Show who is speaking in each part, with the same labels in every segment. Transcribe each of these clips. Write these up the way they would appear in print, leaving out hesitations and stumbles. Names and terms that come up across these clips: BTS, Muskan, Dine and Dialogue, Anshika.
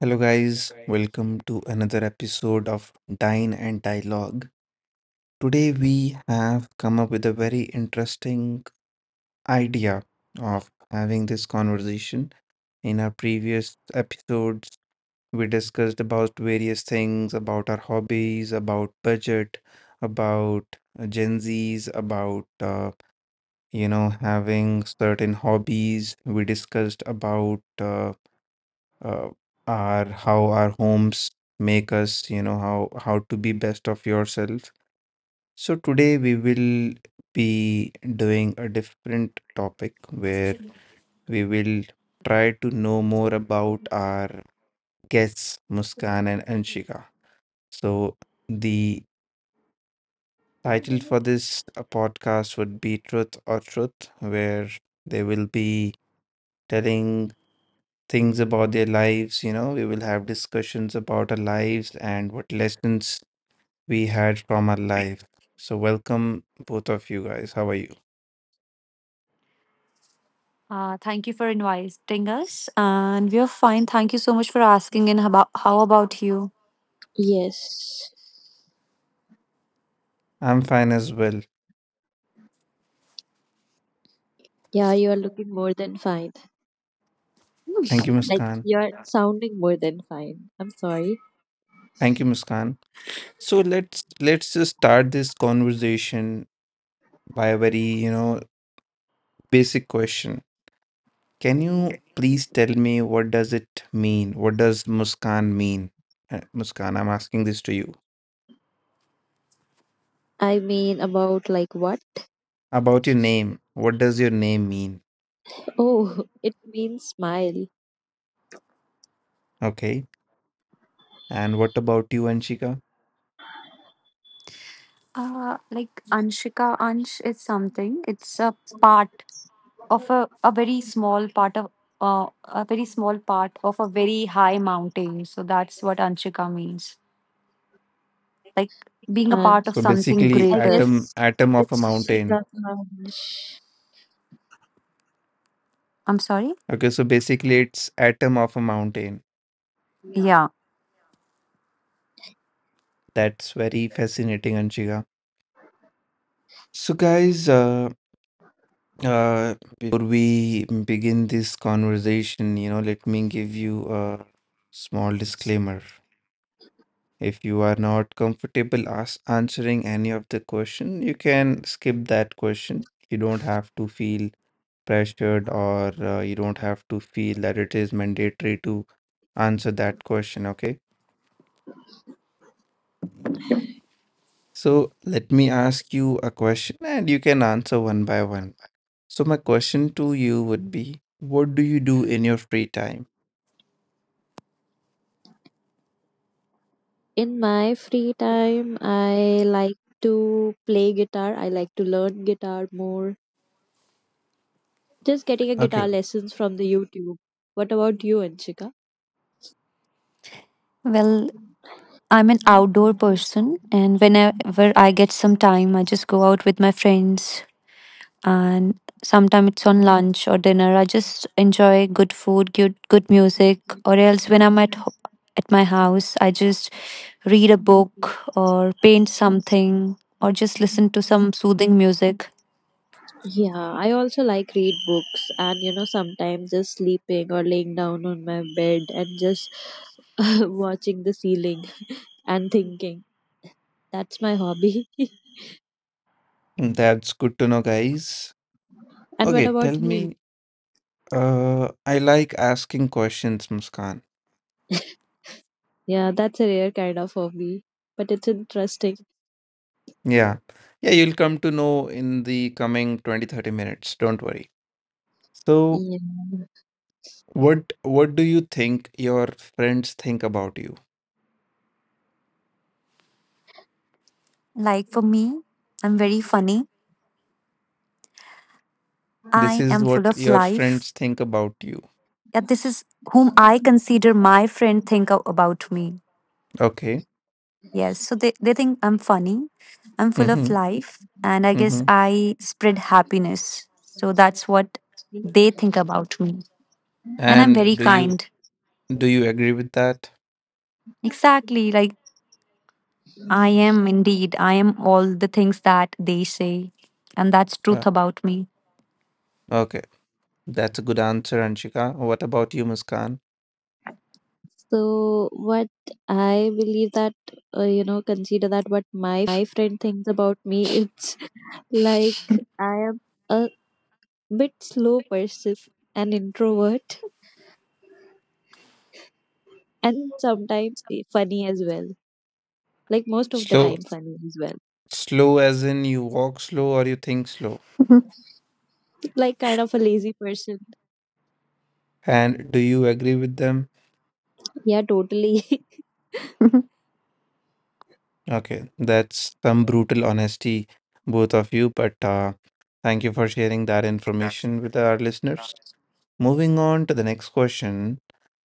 Speaker 1: Hello, guys. Welcome to another episode of Dine and Dialogue. Today, we have come up with a very interesting idea of having this conversation. In our previous episodes, we discussed about various things about our hobbies, about budget, about Gen Zs, about having certain hobbies. We discussed about uh, our how our homes make us how to be best of yourself. So today we will be doing a different topic where we will try to know more about our guests Muskan and Anshika. So the title for this podcast would be Truth or Truth, where they will be telling things about their lives. You know, we will have discussions about our lives and what lessons we had from our life. So, welcome both of you guys. How are you?
Speaker 2: Thank you for inviting us, and we are fine. Thank you so much for asking. And how about you?
Speaker 3: Yes.
Speaker 1: I'm fine as well.
Speaker 3: Yeah, you are looking more than fine.
Speaker 1: Thank you,
Speaker 3: Like,
Speaker 1: Muskan.
Speaker 3: you are sounding more than fine. I'm sorry.
Speaker 1: Thank you, Muskan. So let's just start this conversation by a very basic question. Can you please tell me what does it mean? What does Muskan mean? Muskan, I'm asking this to you.
Speaker 3: I mean about like what?
Speaker 1: About your name, what does your name mean?
Speaker 3: Oh, it means smile.
Speaker 1: Okay. And what about you, Anshika?
Speaker 2: Like Anshika, Ansh is something. It's a part of a very small part of a very high mountain. So that's what Anshika means. Like being a
Speaker 3: And
Speaker 2: part of
Speaker 1: So
Speaker 2: something
Speaker 1: basically,
Speaker 3: I
Speaker 2: greater.
Speaker 1: atom
Speaker 3: guess
Speaker 1: atom of a
Speaker 3: it's
Speaker 1: mountain.
Speaker 3: shikata.
Speaker 2: I'm sorry.
Speaker 1: Okay, so basically it's atom of a mountain.
Speaker 2: Yeah.
Speaker 1: That's very fascinating, Anshika. So guys, before we begin this conversation, you know, let me give you a small disclaimer. If you are not comfortable as answering any of the question, you can skip that question. You don't have to feel pressured or you don't have to feel that it is mandatory to answer that question, okay? So let me ask you a question and you can answer one by one. So my question to you would be, what do you do in your free time?
Speaker 3: In my free time, I like to play guitar. I like to learn guitar more. Just getting a
Speaker 1: Okay,
Speaker 3: guitar lessons from the YouTube. What about you, Anshika?
Speaker 2: Well, I'm an outdoor person, and whenever I get some time, I just go out with my friends, and sometimes it's on lunch or dinner. I just enjoy good food, good music, or else when I'm at at my house, I just read a book or paint something or just listen to some soothing music.
Speaker 3: Yeah, I also like read books and sometimes just sleeping or laying down on my bed and just watching the ceiling and thinking. That's my hobby.
Speaker 1: that's good to know, guys.
Speaker 3: And what
Speaker 1: Okay, tell
Speaker 3: about you?
Speaker 1: me. I like asking questions, Muskan.
Speaker 3: Yeah, that's a rare kind of hobby, but it's interesting.
Speaker 1: Yeah. Yeah, you'll come to know in the coming 20-30 minutes. Don't worry. So,
Speaker 3: Yeah.
Speaker 1: what do you think your friends think about you?
Speaker 2: Like for me, I'm very funny.
Speaker 1: This
Speaker 2: I
Speaker 1: is
Speaker 2: am
Speaker 1: what
Speaker 2: full of
Speaker 1: your
Speaker 2: life.
Speaker 1: friends think about you.
Speaker 2: Yeah, this is whom I consider my friend think about me.
Speaker 1: Okay.
Speaker 2: Yes. So they think I'm funny, I'm full of
Speaker 1: Mm-hmm.
Speaker 2: life, and I guess
Speaker 1: Mm-hmm.
Speaker 2: I spread happiness. So that's what they think about me. And I'm very
Speaker 1: And
Speaker 2: kind.
Speaker 1: do you agree with that?
Speaker 2: Exactly. Like I am indeed. I am all the things that they say. And that's truth
Speaker 1: Okay.
Speaker 2: about me.
Speaker 1: Okay. That's a good answer, Anshika. What about you, Muskan?
Speaker 3: So what I believe that consider that what my friend thinks about me, it's like I am a bit slow person, an introvert, and sometimes funny as well. Like most of the
Speaker 1: Slow,
Speaker 3: time, funny as well.
Speaker 1: slow as in you walk slow or you think slow.
Speaker 3: Like kind of a lazy person.
Speaker 1: And do you agree with them?
Speaker 3: Yeah, totally.
Speaker 1: Okay, that's some brutal honesty, both of you, but thank you for sharing that information with our listeners. Moving on to the next question,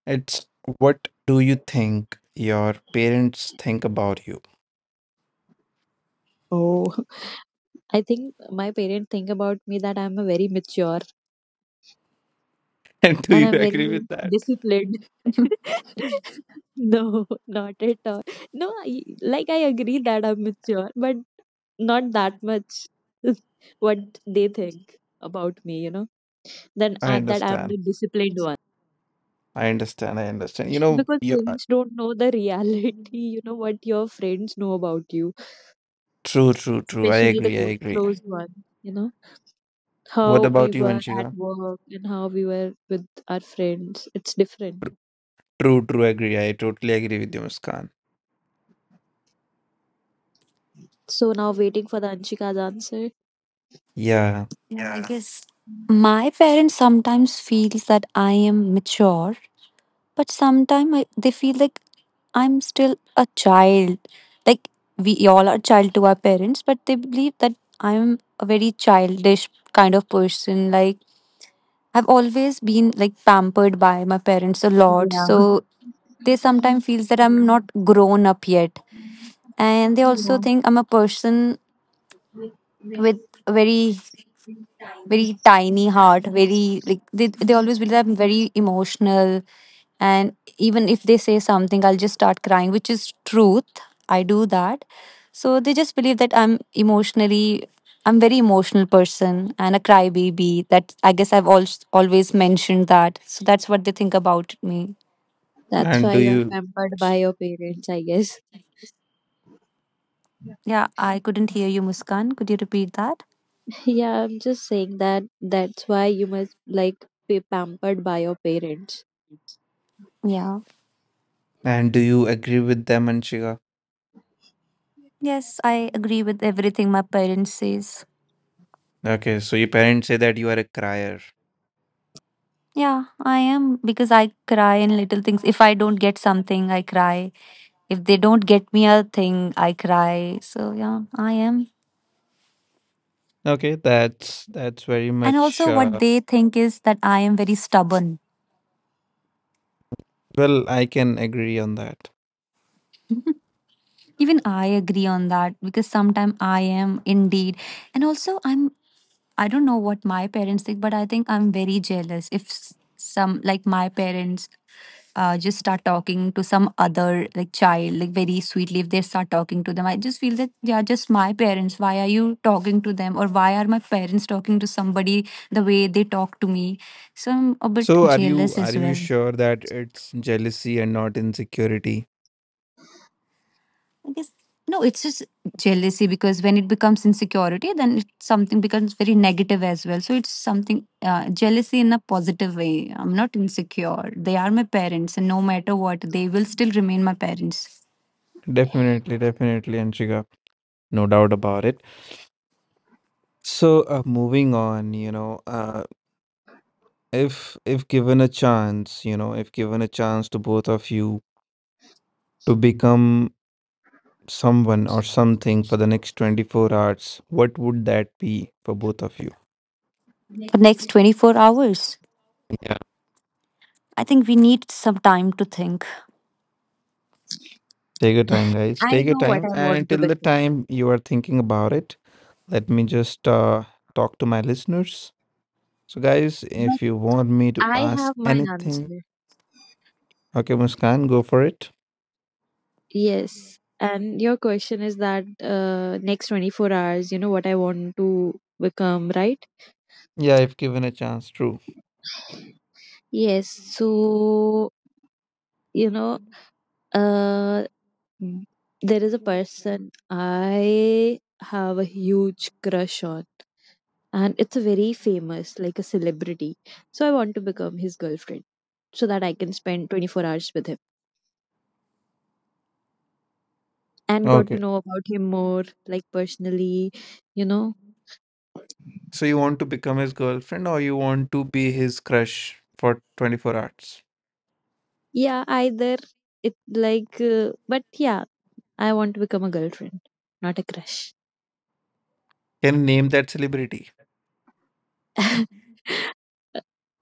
Speaker 1: it's what do you think your parents think about you?
Speaker 3: Oh, I think my parents think about me that I'm a very mature
Speaker 1: And do
Speaker 3: and
Speaker 1: you
Speaker 3: I'm
Speaker 1: agree
Speaker 3: very
Speaker 1: with that?
Speaker 3: disciplined. No, not at all. No, like I agree that I'm mature, but not that much. What they think about me, you know. Then
Speaker 1: I
Speaker 3: that I'm the
Speaker 1: understand.
Speaker 3: disciplined one.
Speaker 1: I understand. I understand. You know,
Speaker 3: Because
Speaker 1: you
Speaker 3: parents don't know the reality, you know, what your friends know about you,
Speaker 1: true, true, true. I
Speaker 3: especially the
Speaker 1: agree. I agree.
Speaker 3: closed one, you know,
Speaker 1: What
Speaker 3: how we
Speaker 1: about you,
Speaker 3: were at
Speaker 1: Anshika?
Speaker 3: work and how we were with our friends. It's different.
Speaker 1: True, true. Agree. I totally agree with you, Muskan.
Speaker 3: So now waiting for the Anshika's answer.
Speaker 1: Yeah.
Speaker 2: Yeah, I guess my parents sometimes feels that I am mature, but sometimes they feel like I'm still a child. Like we all are child to our parents, but they believe that I'm a very childish kind of person. Like I've always been like pampered by my parents a lot,
Speaker 3: Yeah.
Speaker 2: so they sometimes feels that I'm not
Speaker 3: Yeah.
Speaker 2: grown up yet, and they also think I'm a person with a very very tiny heart. Very, like they always believe that I'm very emotional, and even if they say something, I'll just start crying, which is truth, I do that. So they just believe that I'm emotionally I'm very emotional person and a crybaby. That I guess I've always mentioned. That so that's what they think about me.
Speaker 3: That's
Speaker 1: And
Speaker 3: why you are pampered by your parents, I guess.
Speaker 2: Yeah, I couldn't hear you, Muskan. Could you repeat that?
Speaker 3: Yeah, I'm just saying that that's why you must like be pampered by your parents.
Speaker 2: Yeah.
Speaker 1: do you agree with them, Anshika?
Speaker 2: Yes, I agree with everything my parents says.
Speaker 1: Okay, so your parents say that you are a crier.
Speaker 2: Yeah, I am, because I cry in little things. If I don't get something, I cry. If they don't get me a thing, I cry. So yeah, I am.
Speaker 1: Okay, that's very
Speaker 2: And
Speaker 1: much
Speaker 2: also, what they think is that I am very stubborn.
Speaker 1: well, I can agree on that.
Speaker 2: Even I agree on that, because sometimes I am indeed. And also, I don't know what my parents think, but I think I'm very jealous. If some like my parents just start talking to some other like child, like very sweetly, if they start talking to them, I just feel that they are just my parents, why are you talking to them, or why are my parents talking to somebody the way they talk to me? So I'm a bit
Speaker 1: So
Speaker 2: jealous
Speaker 1: are
Speaker 2: as
Speaker 1: you
Speaker 2: well,
Speaker 1: sure that it's jealousy and not insecurity?
Speaker 2: I guess. No, it's just jealousy, because when it becomes insecurity, then something becomes very negative as well. So it's something, jealousy in a positive way. I'm not insecure. They are my parents, and no matter what, they will still remain my parents
Speaker 1: Definitely, definitely, Anshika, no doubt about it. So moving on, you know, if given a chance, you know, if given a chance to both of you to become someone or something for the next 24 hours, what would that be for both of you?
Speaker 2: for next 24 hours. I think we need some time to think.
Speaker 1: Take your time, guys.
Speaker 3: I
Speaker 1: Take your
Speaker 3: know what
Speaker 1: time.
Speaker 3: I
Speaker 1: And
Speaker 3: want to
Speaker 1: till the
Speaker 3: become,
Speaker 1: time you are thinking about it, let me just talk to my listeners. So, guys,
Speaker 3: but
Speaker 1: if you want me to
Speaker 3: I
Speaker 1: ask
Speaker 3: have my
Speaker 1: anything,
Speaker 3: answer.
Speaker 1: okay, Muskan, go for it.
Speaker 3: Yes. And your question is that next 24 hours, you know, what I want to become, right?
Speaker 1: Yeah, if given a chance, true.
Speaker 3: Yes. So, you know, uh, m- there is a person I have a huge crush on, and it's a very famous, like a celebrity. So I want to become his girlfriend so that I can spend 24 hours with him, and got to
Speaker 1: Okay.
Speaker 3: know about him more like personally, you know.
Speaker 1: So, you want to become his girlfriend or you want to be his crush for 24 hours?
Speaker 3: Yeah, either it like, but yeah, I want to become a girlfriend, not a crush.
Speaker 1: Can you name that celebrity?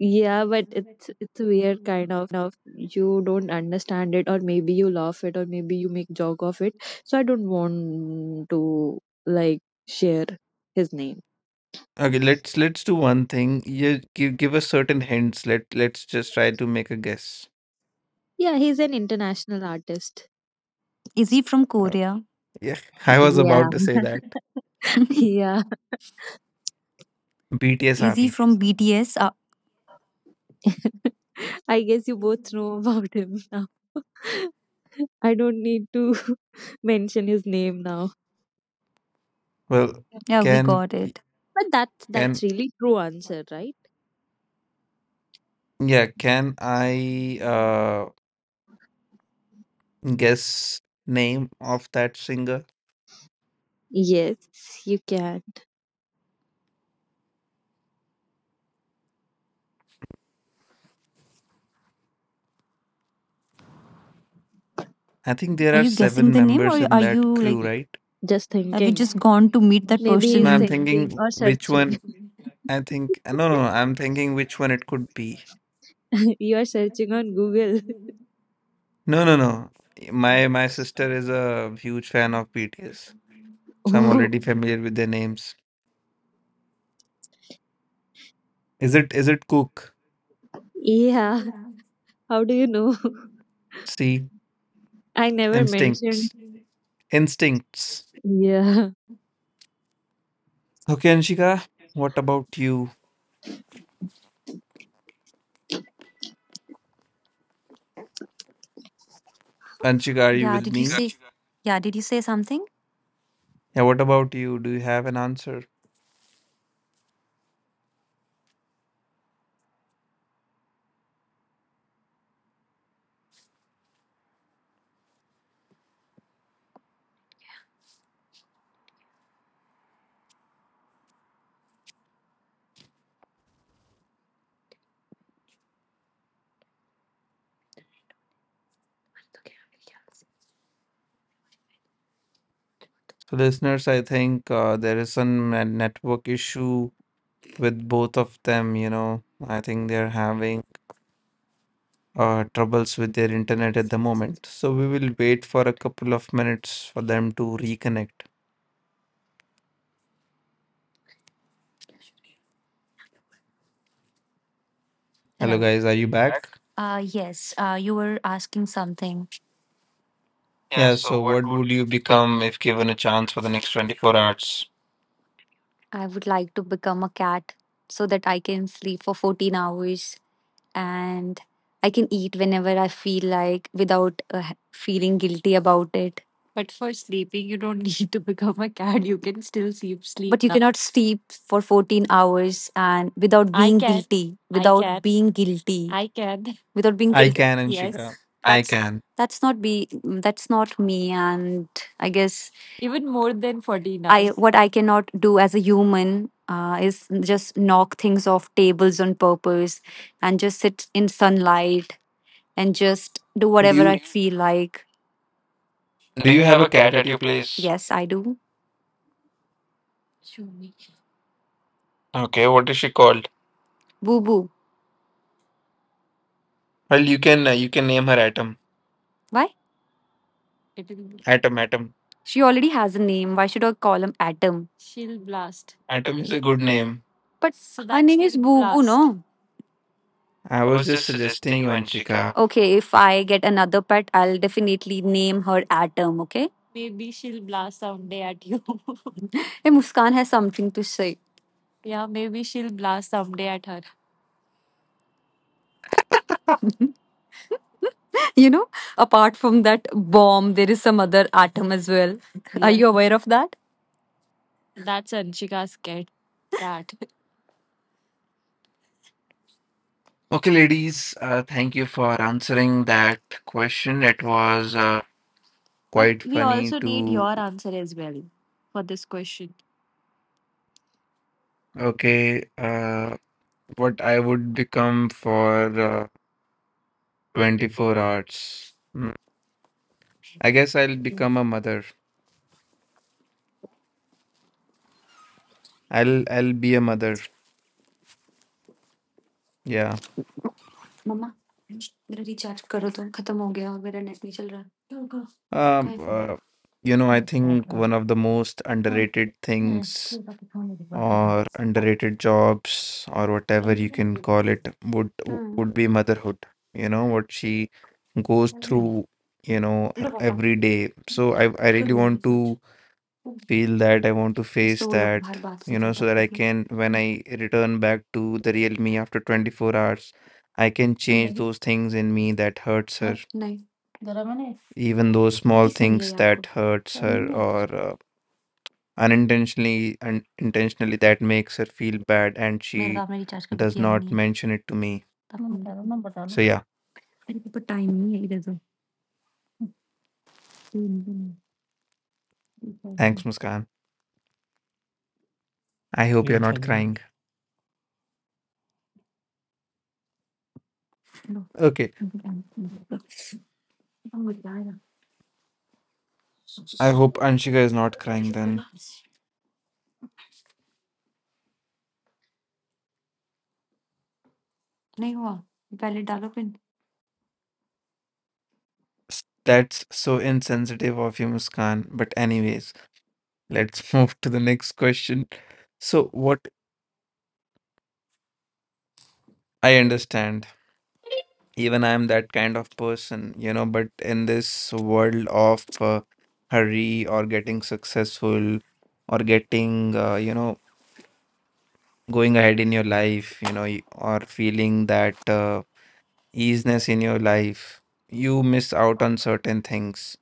Speaker 3: Yeah, but it's a weird kind of, you don't understand it, or maybe you laugh it, or maybe you make joke of it, so I don't want to like share his name.
Speaker 1: Okay, let's do one thing. You give us certain hints. Let's just try to make a guess.
Speaker 3: Yeah, he's an international artist.
Speaker 2: Is he from
Speaker 1: Uh,
Speaker 2: Korea?
Speaker 1: yeah, I was
Speaker 3: Yeah.
Speaker 1: about to say that.
Speaker 3: Yeah.
Speaker 1: BTS
Speaker 2: Is he
Speaker 1: Army.
Speaker 2: from BTS?
Speaker 3: I guess you both know about him now. I don't need to mention his name now.
Speaker 1: Well,
Speaker 2: Yeah, we
Speaker 1: can
Speaker 2: got it.
Speaker 3: But that's
Speaker 1: can
Speaker 3: that's really true answer, right?
Speaker 1: yeah, can I guess name of that singer?
Speaker 3: Yes, you can.
Speaker 1: I think there
Speaker 2: Are
Speaker 1: are
Speaker 2: you guessing
Speaker 1: seven
Speaker 2: the name,
Speaker 1: members
Speaker 2: or
Speaker 1: in
Speaker 2: are
Speaker 1: that
Speaker 2: you like,
Speaker 1: crew, right?
Speaker 3: Just
Speaker 2: have you just
Speaker 3: thinking.
Speaker 2: gone to meet that
Speaker 3: Maybe
Speaker 2: person?
Speaker 1: No,
Speaker 3: he's
Speaker 1: I'm
Speaker 3: thinking
Speaker 1: thinking
Speaker 3: or
Speaker 1: which
Speaker 3: searching.
Speaker 1: one I think no, I'm thinking which one it could be.
Speaker 3: You are searching on Google.
Speaker 1: No no no. My sister is a huge fan of BTS. So I'm
Speaker 3: Oh,
Speaker 1: already familiar with their names. Is it Cook?
Speaker 3: yeah. How do you know?
Speaker 1: See,
Speaker 3: I never mentioned.
Speaker 1: instincts. Instincts.
Speaker 3: Yeah.
Speaker 1: Okay, Anshika, what about you? Anshik, are you
Speaker 2: Yeah,
Speaker 1: with me?
Speaker 2: did you say something?
Speaker 1: Yeah, what about you? Do you have an answer? So, listeners, I think there is some network issue with both of them. You know, I think they're having troubles with their internet at the moment. So, we will wait for a couple of minutes for them to reconnect. Hello,
Speaker 2: Hello.
Speaker 1: guys, are you back?
Speaker 2: Yes, you were asking something.
Speaker 1: Yeah, so what would you become if given a chance for the next 24 hours?
Speaker 2: I would like to become a cat so that I can sleep for 14 hours, and I can eat whenever I feel like without feeling guilty about it. But for sleeping, you don't need to become a cat. You can still sleep But you now. Cannot sleep for 14 hours and without I being can. Guilty, I without can. Being guilty, I can. Without being
Speaker 1: I
Speaker 2: guilty,
Speaker 1: can, Anshika. I can.
Speaker 2: that's not be that's not me, and I guess. Even more than 14 I hours. What I cannot do as a human is just knock things off tables on purpose and just sit in sunlight and just do
Speaker 1: Do
Speaker 2: whatever I
Speaker 1: you
Speaker 2: feel like.
Speaker 1: do you have a cat at your place?
Speaker 2: Yes, I do.
Speaker 1: Okay, what is she called?
Speaker 2: Boo boo,
Speaker 1: Well, you can name her Atom.
Speaker 2: why?
Speaker 1: Atom, Atom.
Speaker 2: She already has a name. Why should I call him Atom? She'll blast.
Speaker 1: Atom is a good name.
Speaker 2: But so her name is boo boo, no.
Speaker 1: I was just suggesting you, Anshika.
Speaker 2: Okay, if I get another pet, I'll definitely name her Atom, okay? Maybe she'll blast someday at you. Hey, Muskan has something to say. Yeah, maybe she'll blast someday at her. You know, apart from that bomb, there is some other atom as well. Are, yeah, you aware of that? That's Anshika's cat. Cat.
Speaker 1: Okay, ladies, thank you for answering that question. It was quite
Speaker 2: We
Speaker 1: funny
Speaker 2: also need
Speaker 1: to
Speaker 2: your answer as well for this question.
Speaker 1: okay, what I would become for 24 hours. Mm, I guess I'll become a mother. I'll be a mother. Yeah.
Speaker 2: Mama, मेरा recharge करो तो खत्म हो गया और मेरा net नहीं चल रहा है। कहाँ
Speaker 1: Um,
Speaker 2: है phone
Speaker 1: uh, you know, I think one of the most underrated things or underrated jobs or whatever you can call it would be motherhood. You know what she goes through, you know,
Speaker 2: लो पापा,
Speaker 1: every day. So I
Speaker 2: करो
Speaker 1: really
Speaker 2: मेरा
Speaker 1: want
Speaker 2: recharge.
Speaker 1: to
Speaker 2: हो गया।
Speaker 1: feel that. I want to face
Speaker 2: इसलिए वो लोग
Speaker 1: that,
Speaker 2: बाहर बात कर
Speaker 1: you
Speaker 2: रहे
Speaker 1: know,
Speaker 2: थे
Speaker 1: so that
Speaker 2: तब
Speaker 1: I
Speaker 2: तक ना।
Speaker 1: can, when I return back to the real me after 24 hours, I can
Speaker 2: ठंड
Speaker 1: change
Speaker 2: लगी
Speaker 1: those things in me that hurts her,
Speaker 2: हाँ नहीं जरा मैंने
Speaker 1: even those small
Speaker 2: किसने लिया ये
Speaker 1: things
Speaker 2: आपको
Speaker 1: that hurts her
Speaker 2: नहीं आता
Speaker 1: or unintentionally and intentionally that makes her feel bad and
Speaker 2: मेरा तो
Speaker 1: she
Speaker 2: आपने रिचार्ज कभी
Speaker 1: does
Speaker 2: किया ही नहीं
Speaker 1: not
Speaker 2: है
Speaker 1: mention it to me.
Speaker 2: तो आपको- नंबर डालो
Speaker 1: So yeah,
Speaker 2: मेरे पे तो टाइम नहीं है इधर तो
Speaker 1: thanks Muskan. I hope you're not crying.
Speaker 2: लो,
Speaker 1: Okay,
Speaker 2: मुझे टाइम नहीं है।
Speaker 1: I hope Anshika is not crying
Speaker 2: करो।
Speaker 1: then.
Speaker 2: नहीं हुआ पहले डालो pin
Speaker 1: That's so insensitive of you, Muskan. But anyways, let's move to the next question. So what I understand, even I am that kind of person, you know, but in this world of hurry or getting successful or getting you know going ahead in your life, you know, or feeling that easiness in your life, you miss out on certain things.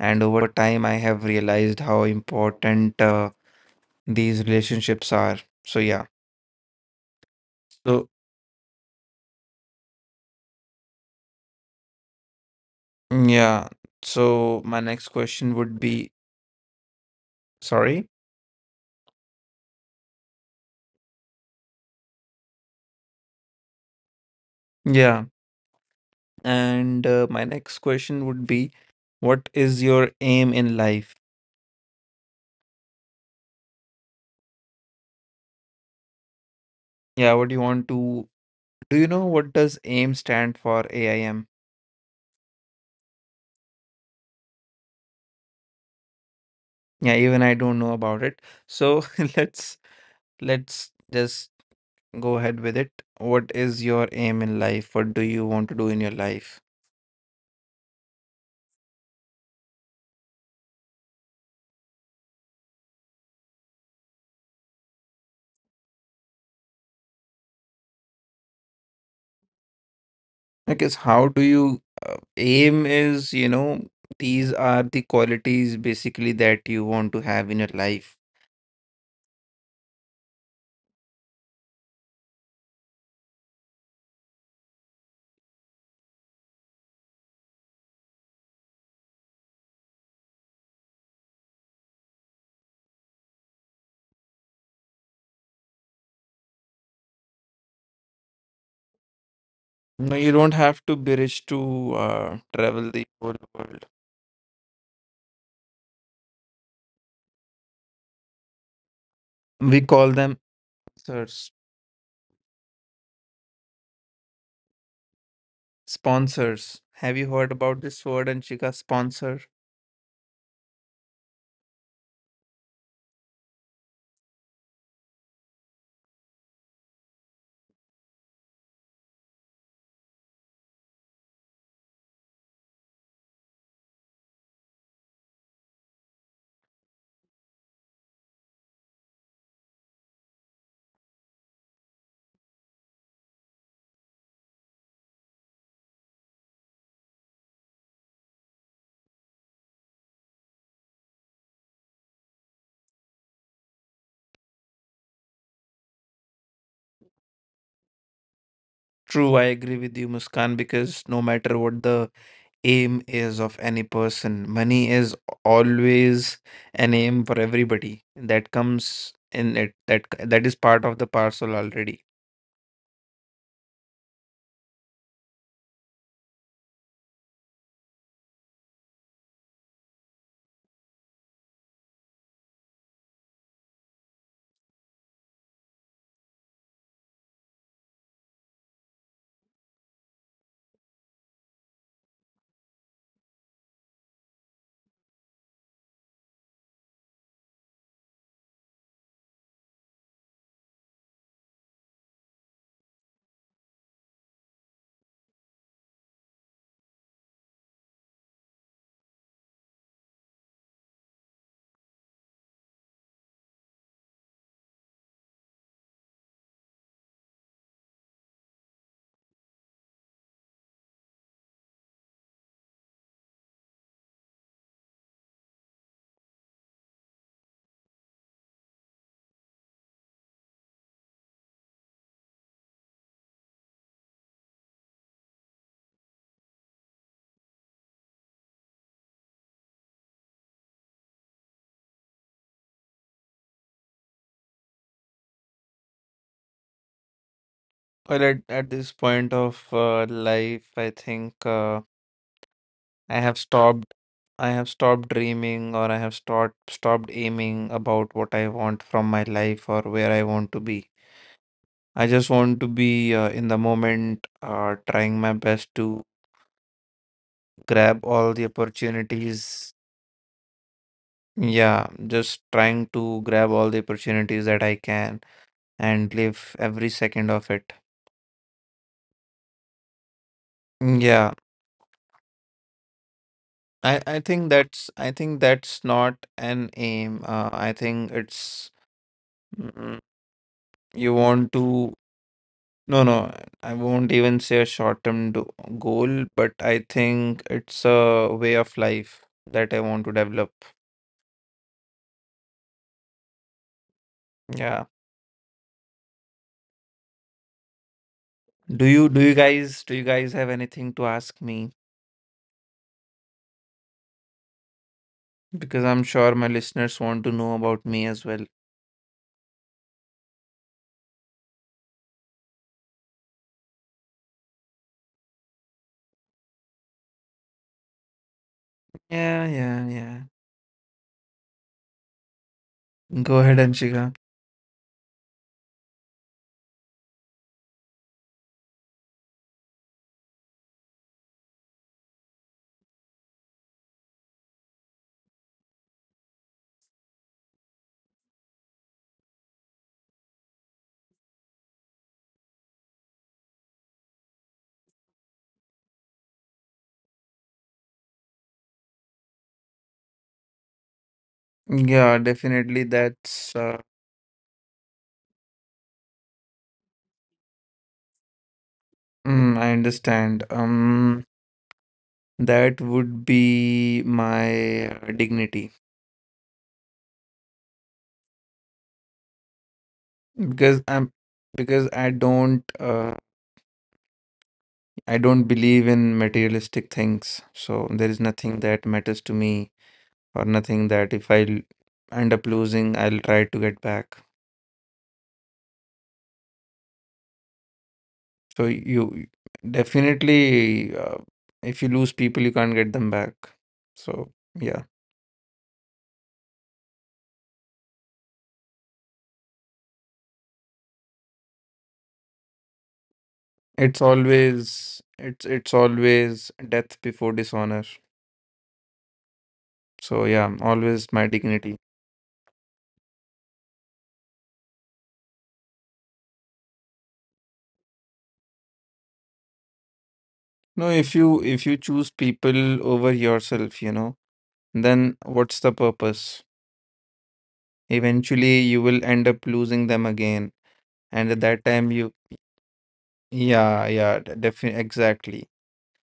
Speaker 1: And over time, I have realized how important these relationships are. So, yeah. So, mm, yeah. So, my next question would be sorry. Yeah. And my next question would be what is your aim in life? Yeah. What do you want to? Do you know what does aim stand for? AIM. Yeah, even I don't know about it. So let's let's just go ahead with it. What is your aim in life? What do you want to do in your life? I guess how do you aim is, you know, these are the qualities basically that you want to have in your life. No, you don't have to be rich to travel the whole world. We call them sponsors. Sponsors. Have you heard about this word, Anshika? Sponsor. True, I agree with you, Muskan, because no matter what the aim is of any person. Money is always an aim for everybody. That comes in it. That is part of the parcel already. Well, at this point of life, I think I have stopped. I have stopped dreaming, or I have stopped aiming about what I want from my life or where I want to be. I just want to be in the moment, trying my best to grab all the opportunities. Yeah, just trying to grab all the opportunities that I can and live every second of it. Yeah, I think that's not an aim. I think it's mm, you want to no no I won't even say a short-term do goal, but I think it's a way of life that I want to develop. Yeah. Do you guys have anything to ask me? Because I'm sure my listeners want to know about me as well. Yeah, yeah, yeah. Go ahead, Anshika. Yeah, definitely. That's mm, I understand. That would be my dignity, because because I don't uh, I don't believe in materialistic things. So there is nothing that matters to me or nothing that if I end up losing, I'll try to get back. So you definitely, if you lose people, you can't get them back. So yeah. It's always it's always death before dishonor. So yeah, always my dignity. No, if you choose people over yourself, you know, then what's the purpose? Eventually you will end up losing them again. And at that time you yeah, yeah, definitely exactly.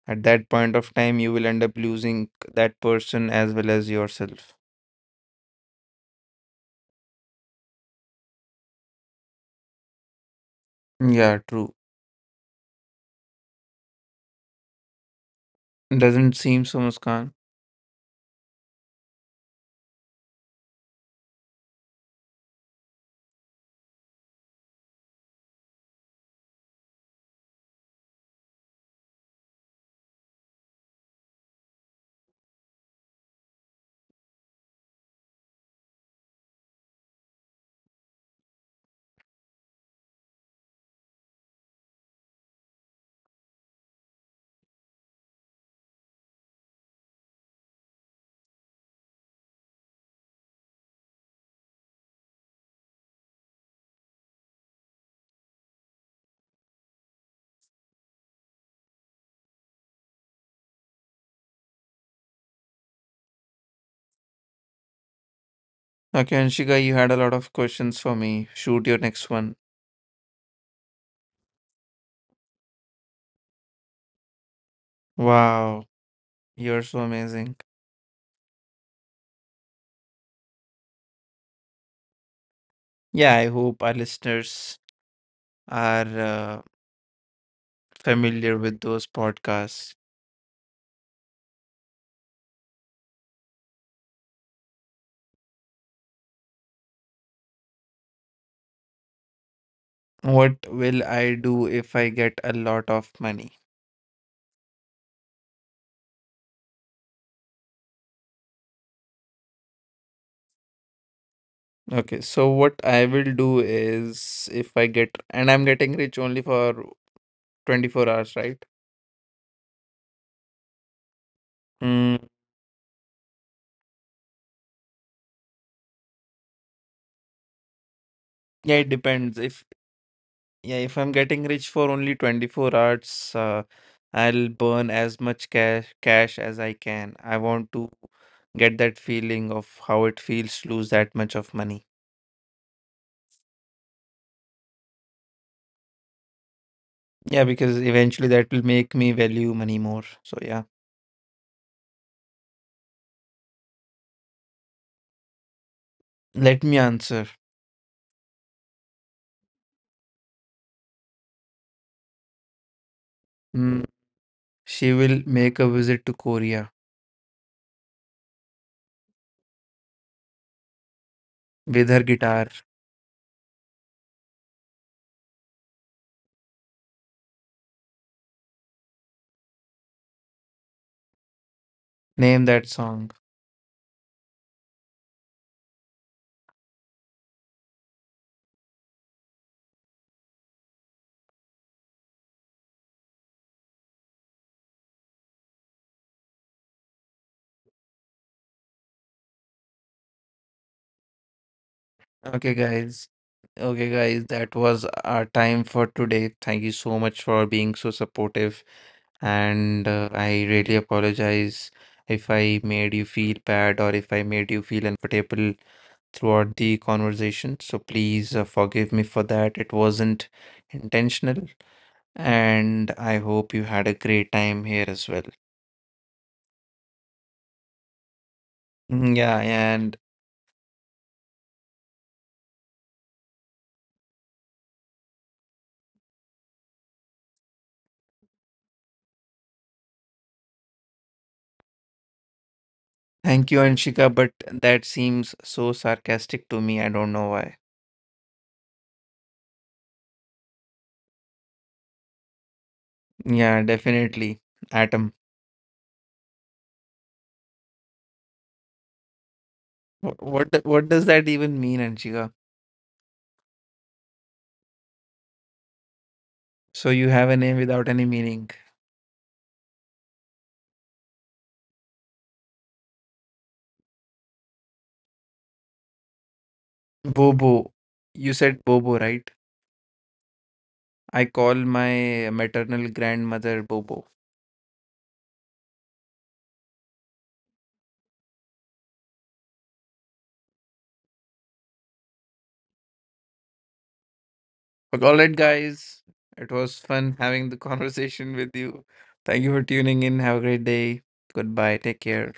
Speaker 1: At that point of time you will end up losing that person as well as yourself. Yeah, true. Doesn't seem so, Muskan. Okay, Anshika, you had a lot of questions for me. Shoot your next one. Wow, you're so amazing. Yeah, I hope our listeners are familiar with those podcasts. What will I do if I get a lot of money? Okay, so what I will do is if I get, and I'm getting rich only for 24 hours, right? Mm, yeah, it depends. If Yeah, if I'm getting rich for only 24 hours, I'll burn as much cash as I can. I want to get that feeling of how it feels to lose that much of money. Yeah, because eventually that will make me value money more. So yeah, let me answer. Hmm, she will make a visit to Korea with her guitar. Name that song. Okay, guys. Okay, guys, that was our time for today. Thank you so much for being so supportive. And I really apologize if I made you feel bad or if I made you feel uncomfortable throughout the conversation. So please forgive me for that. It wasn't intentional. And I hope you had a great time here as well. Mm, yeah, and thank you, Anshika, but that seems so sarcastic to me. I don't know why. Yeah, definitely. Atom. What does that even mean, Anshika? So you have a name without any meaning. Bobo. You said Bobo, right? I call my maternal grandmother Bobo. But all right, guys. It was fun having the conversation with you. Thank you for tuning in. Have a great day. Goodbye. Take care.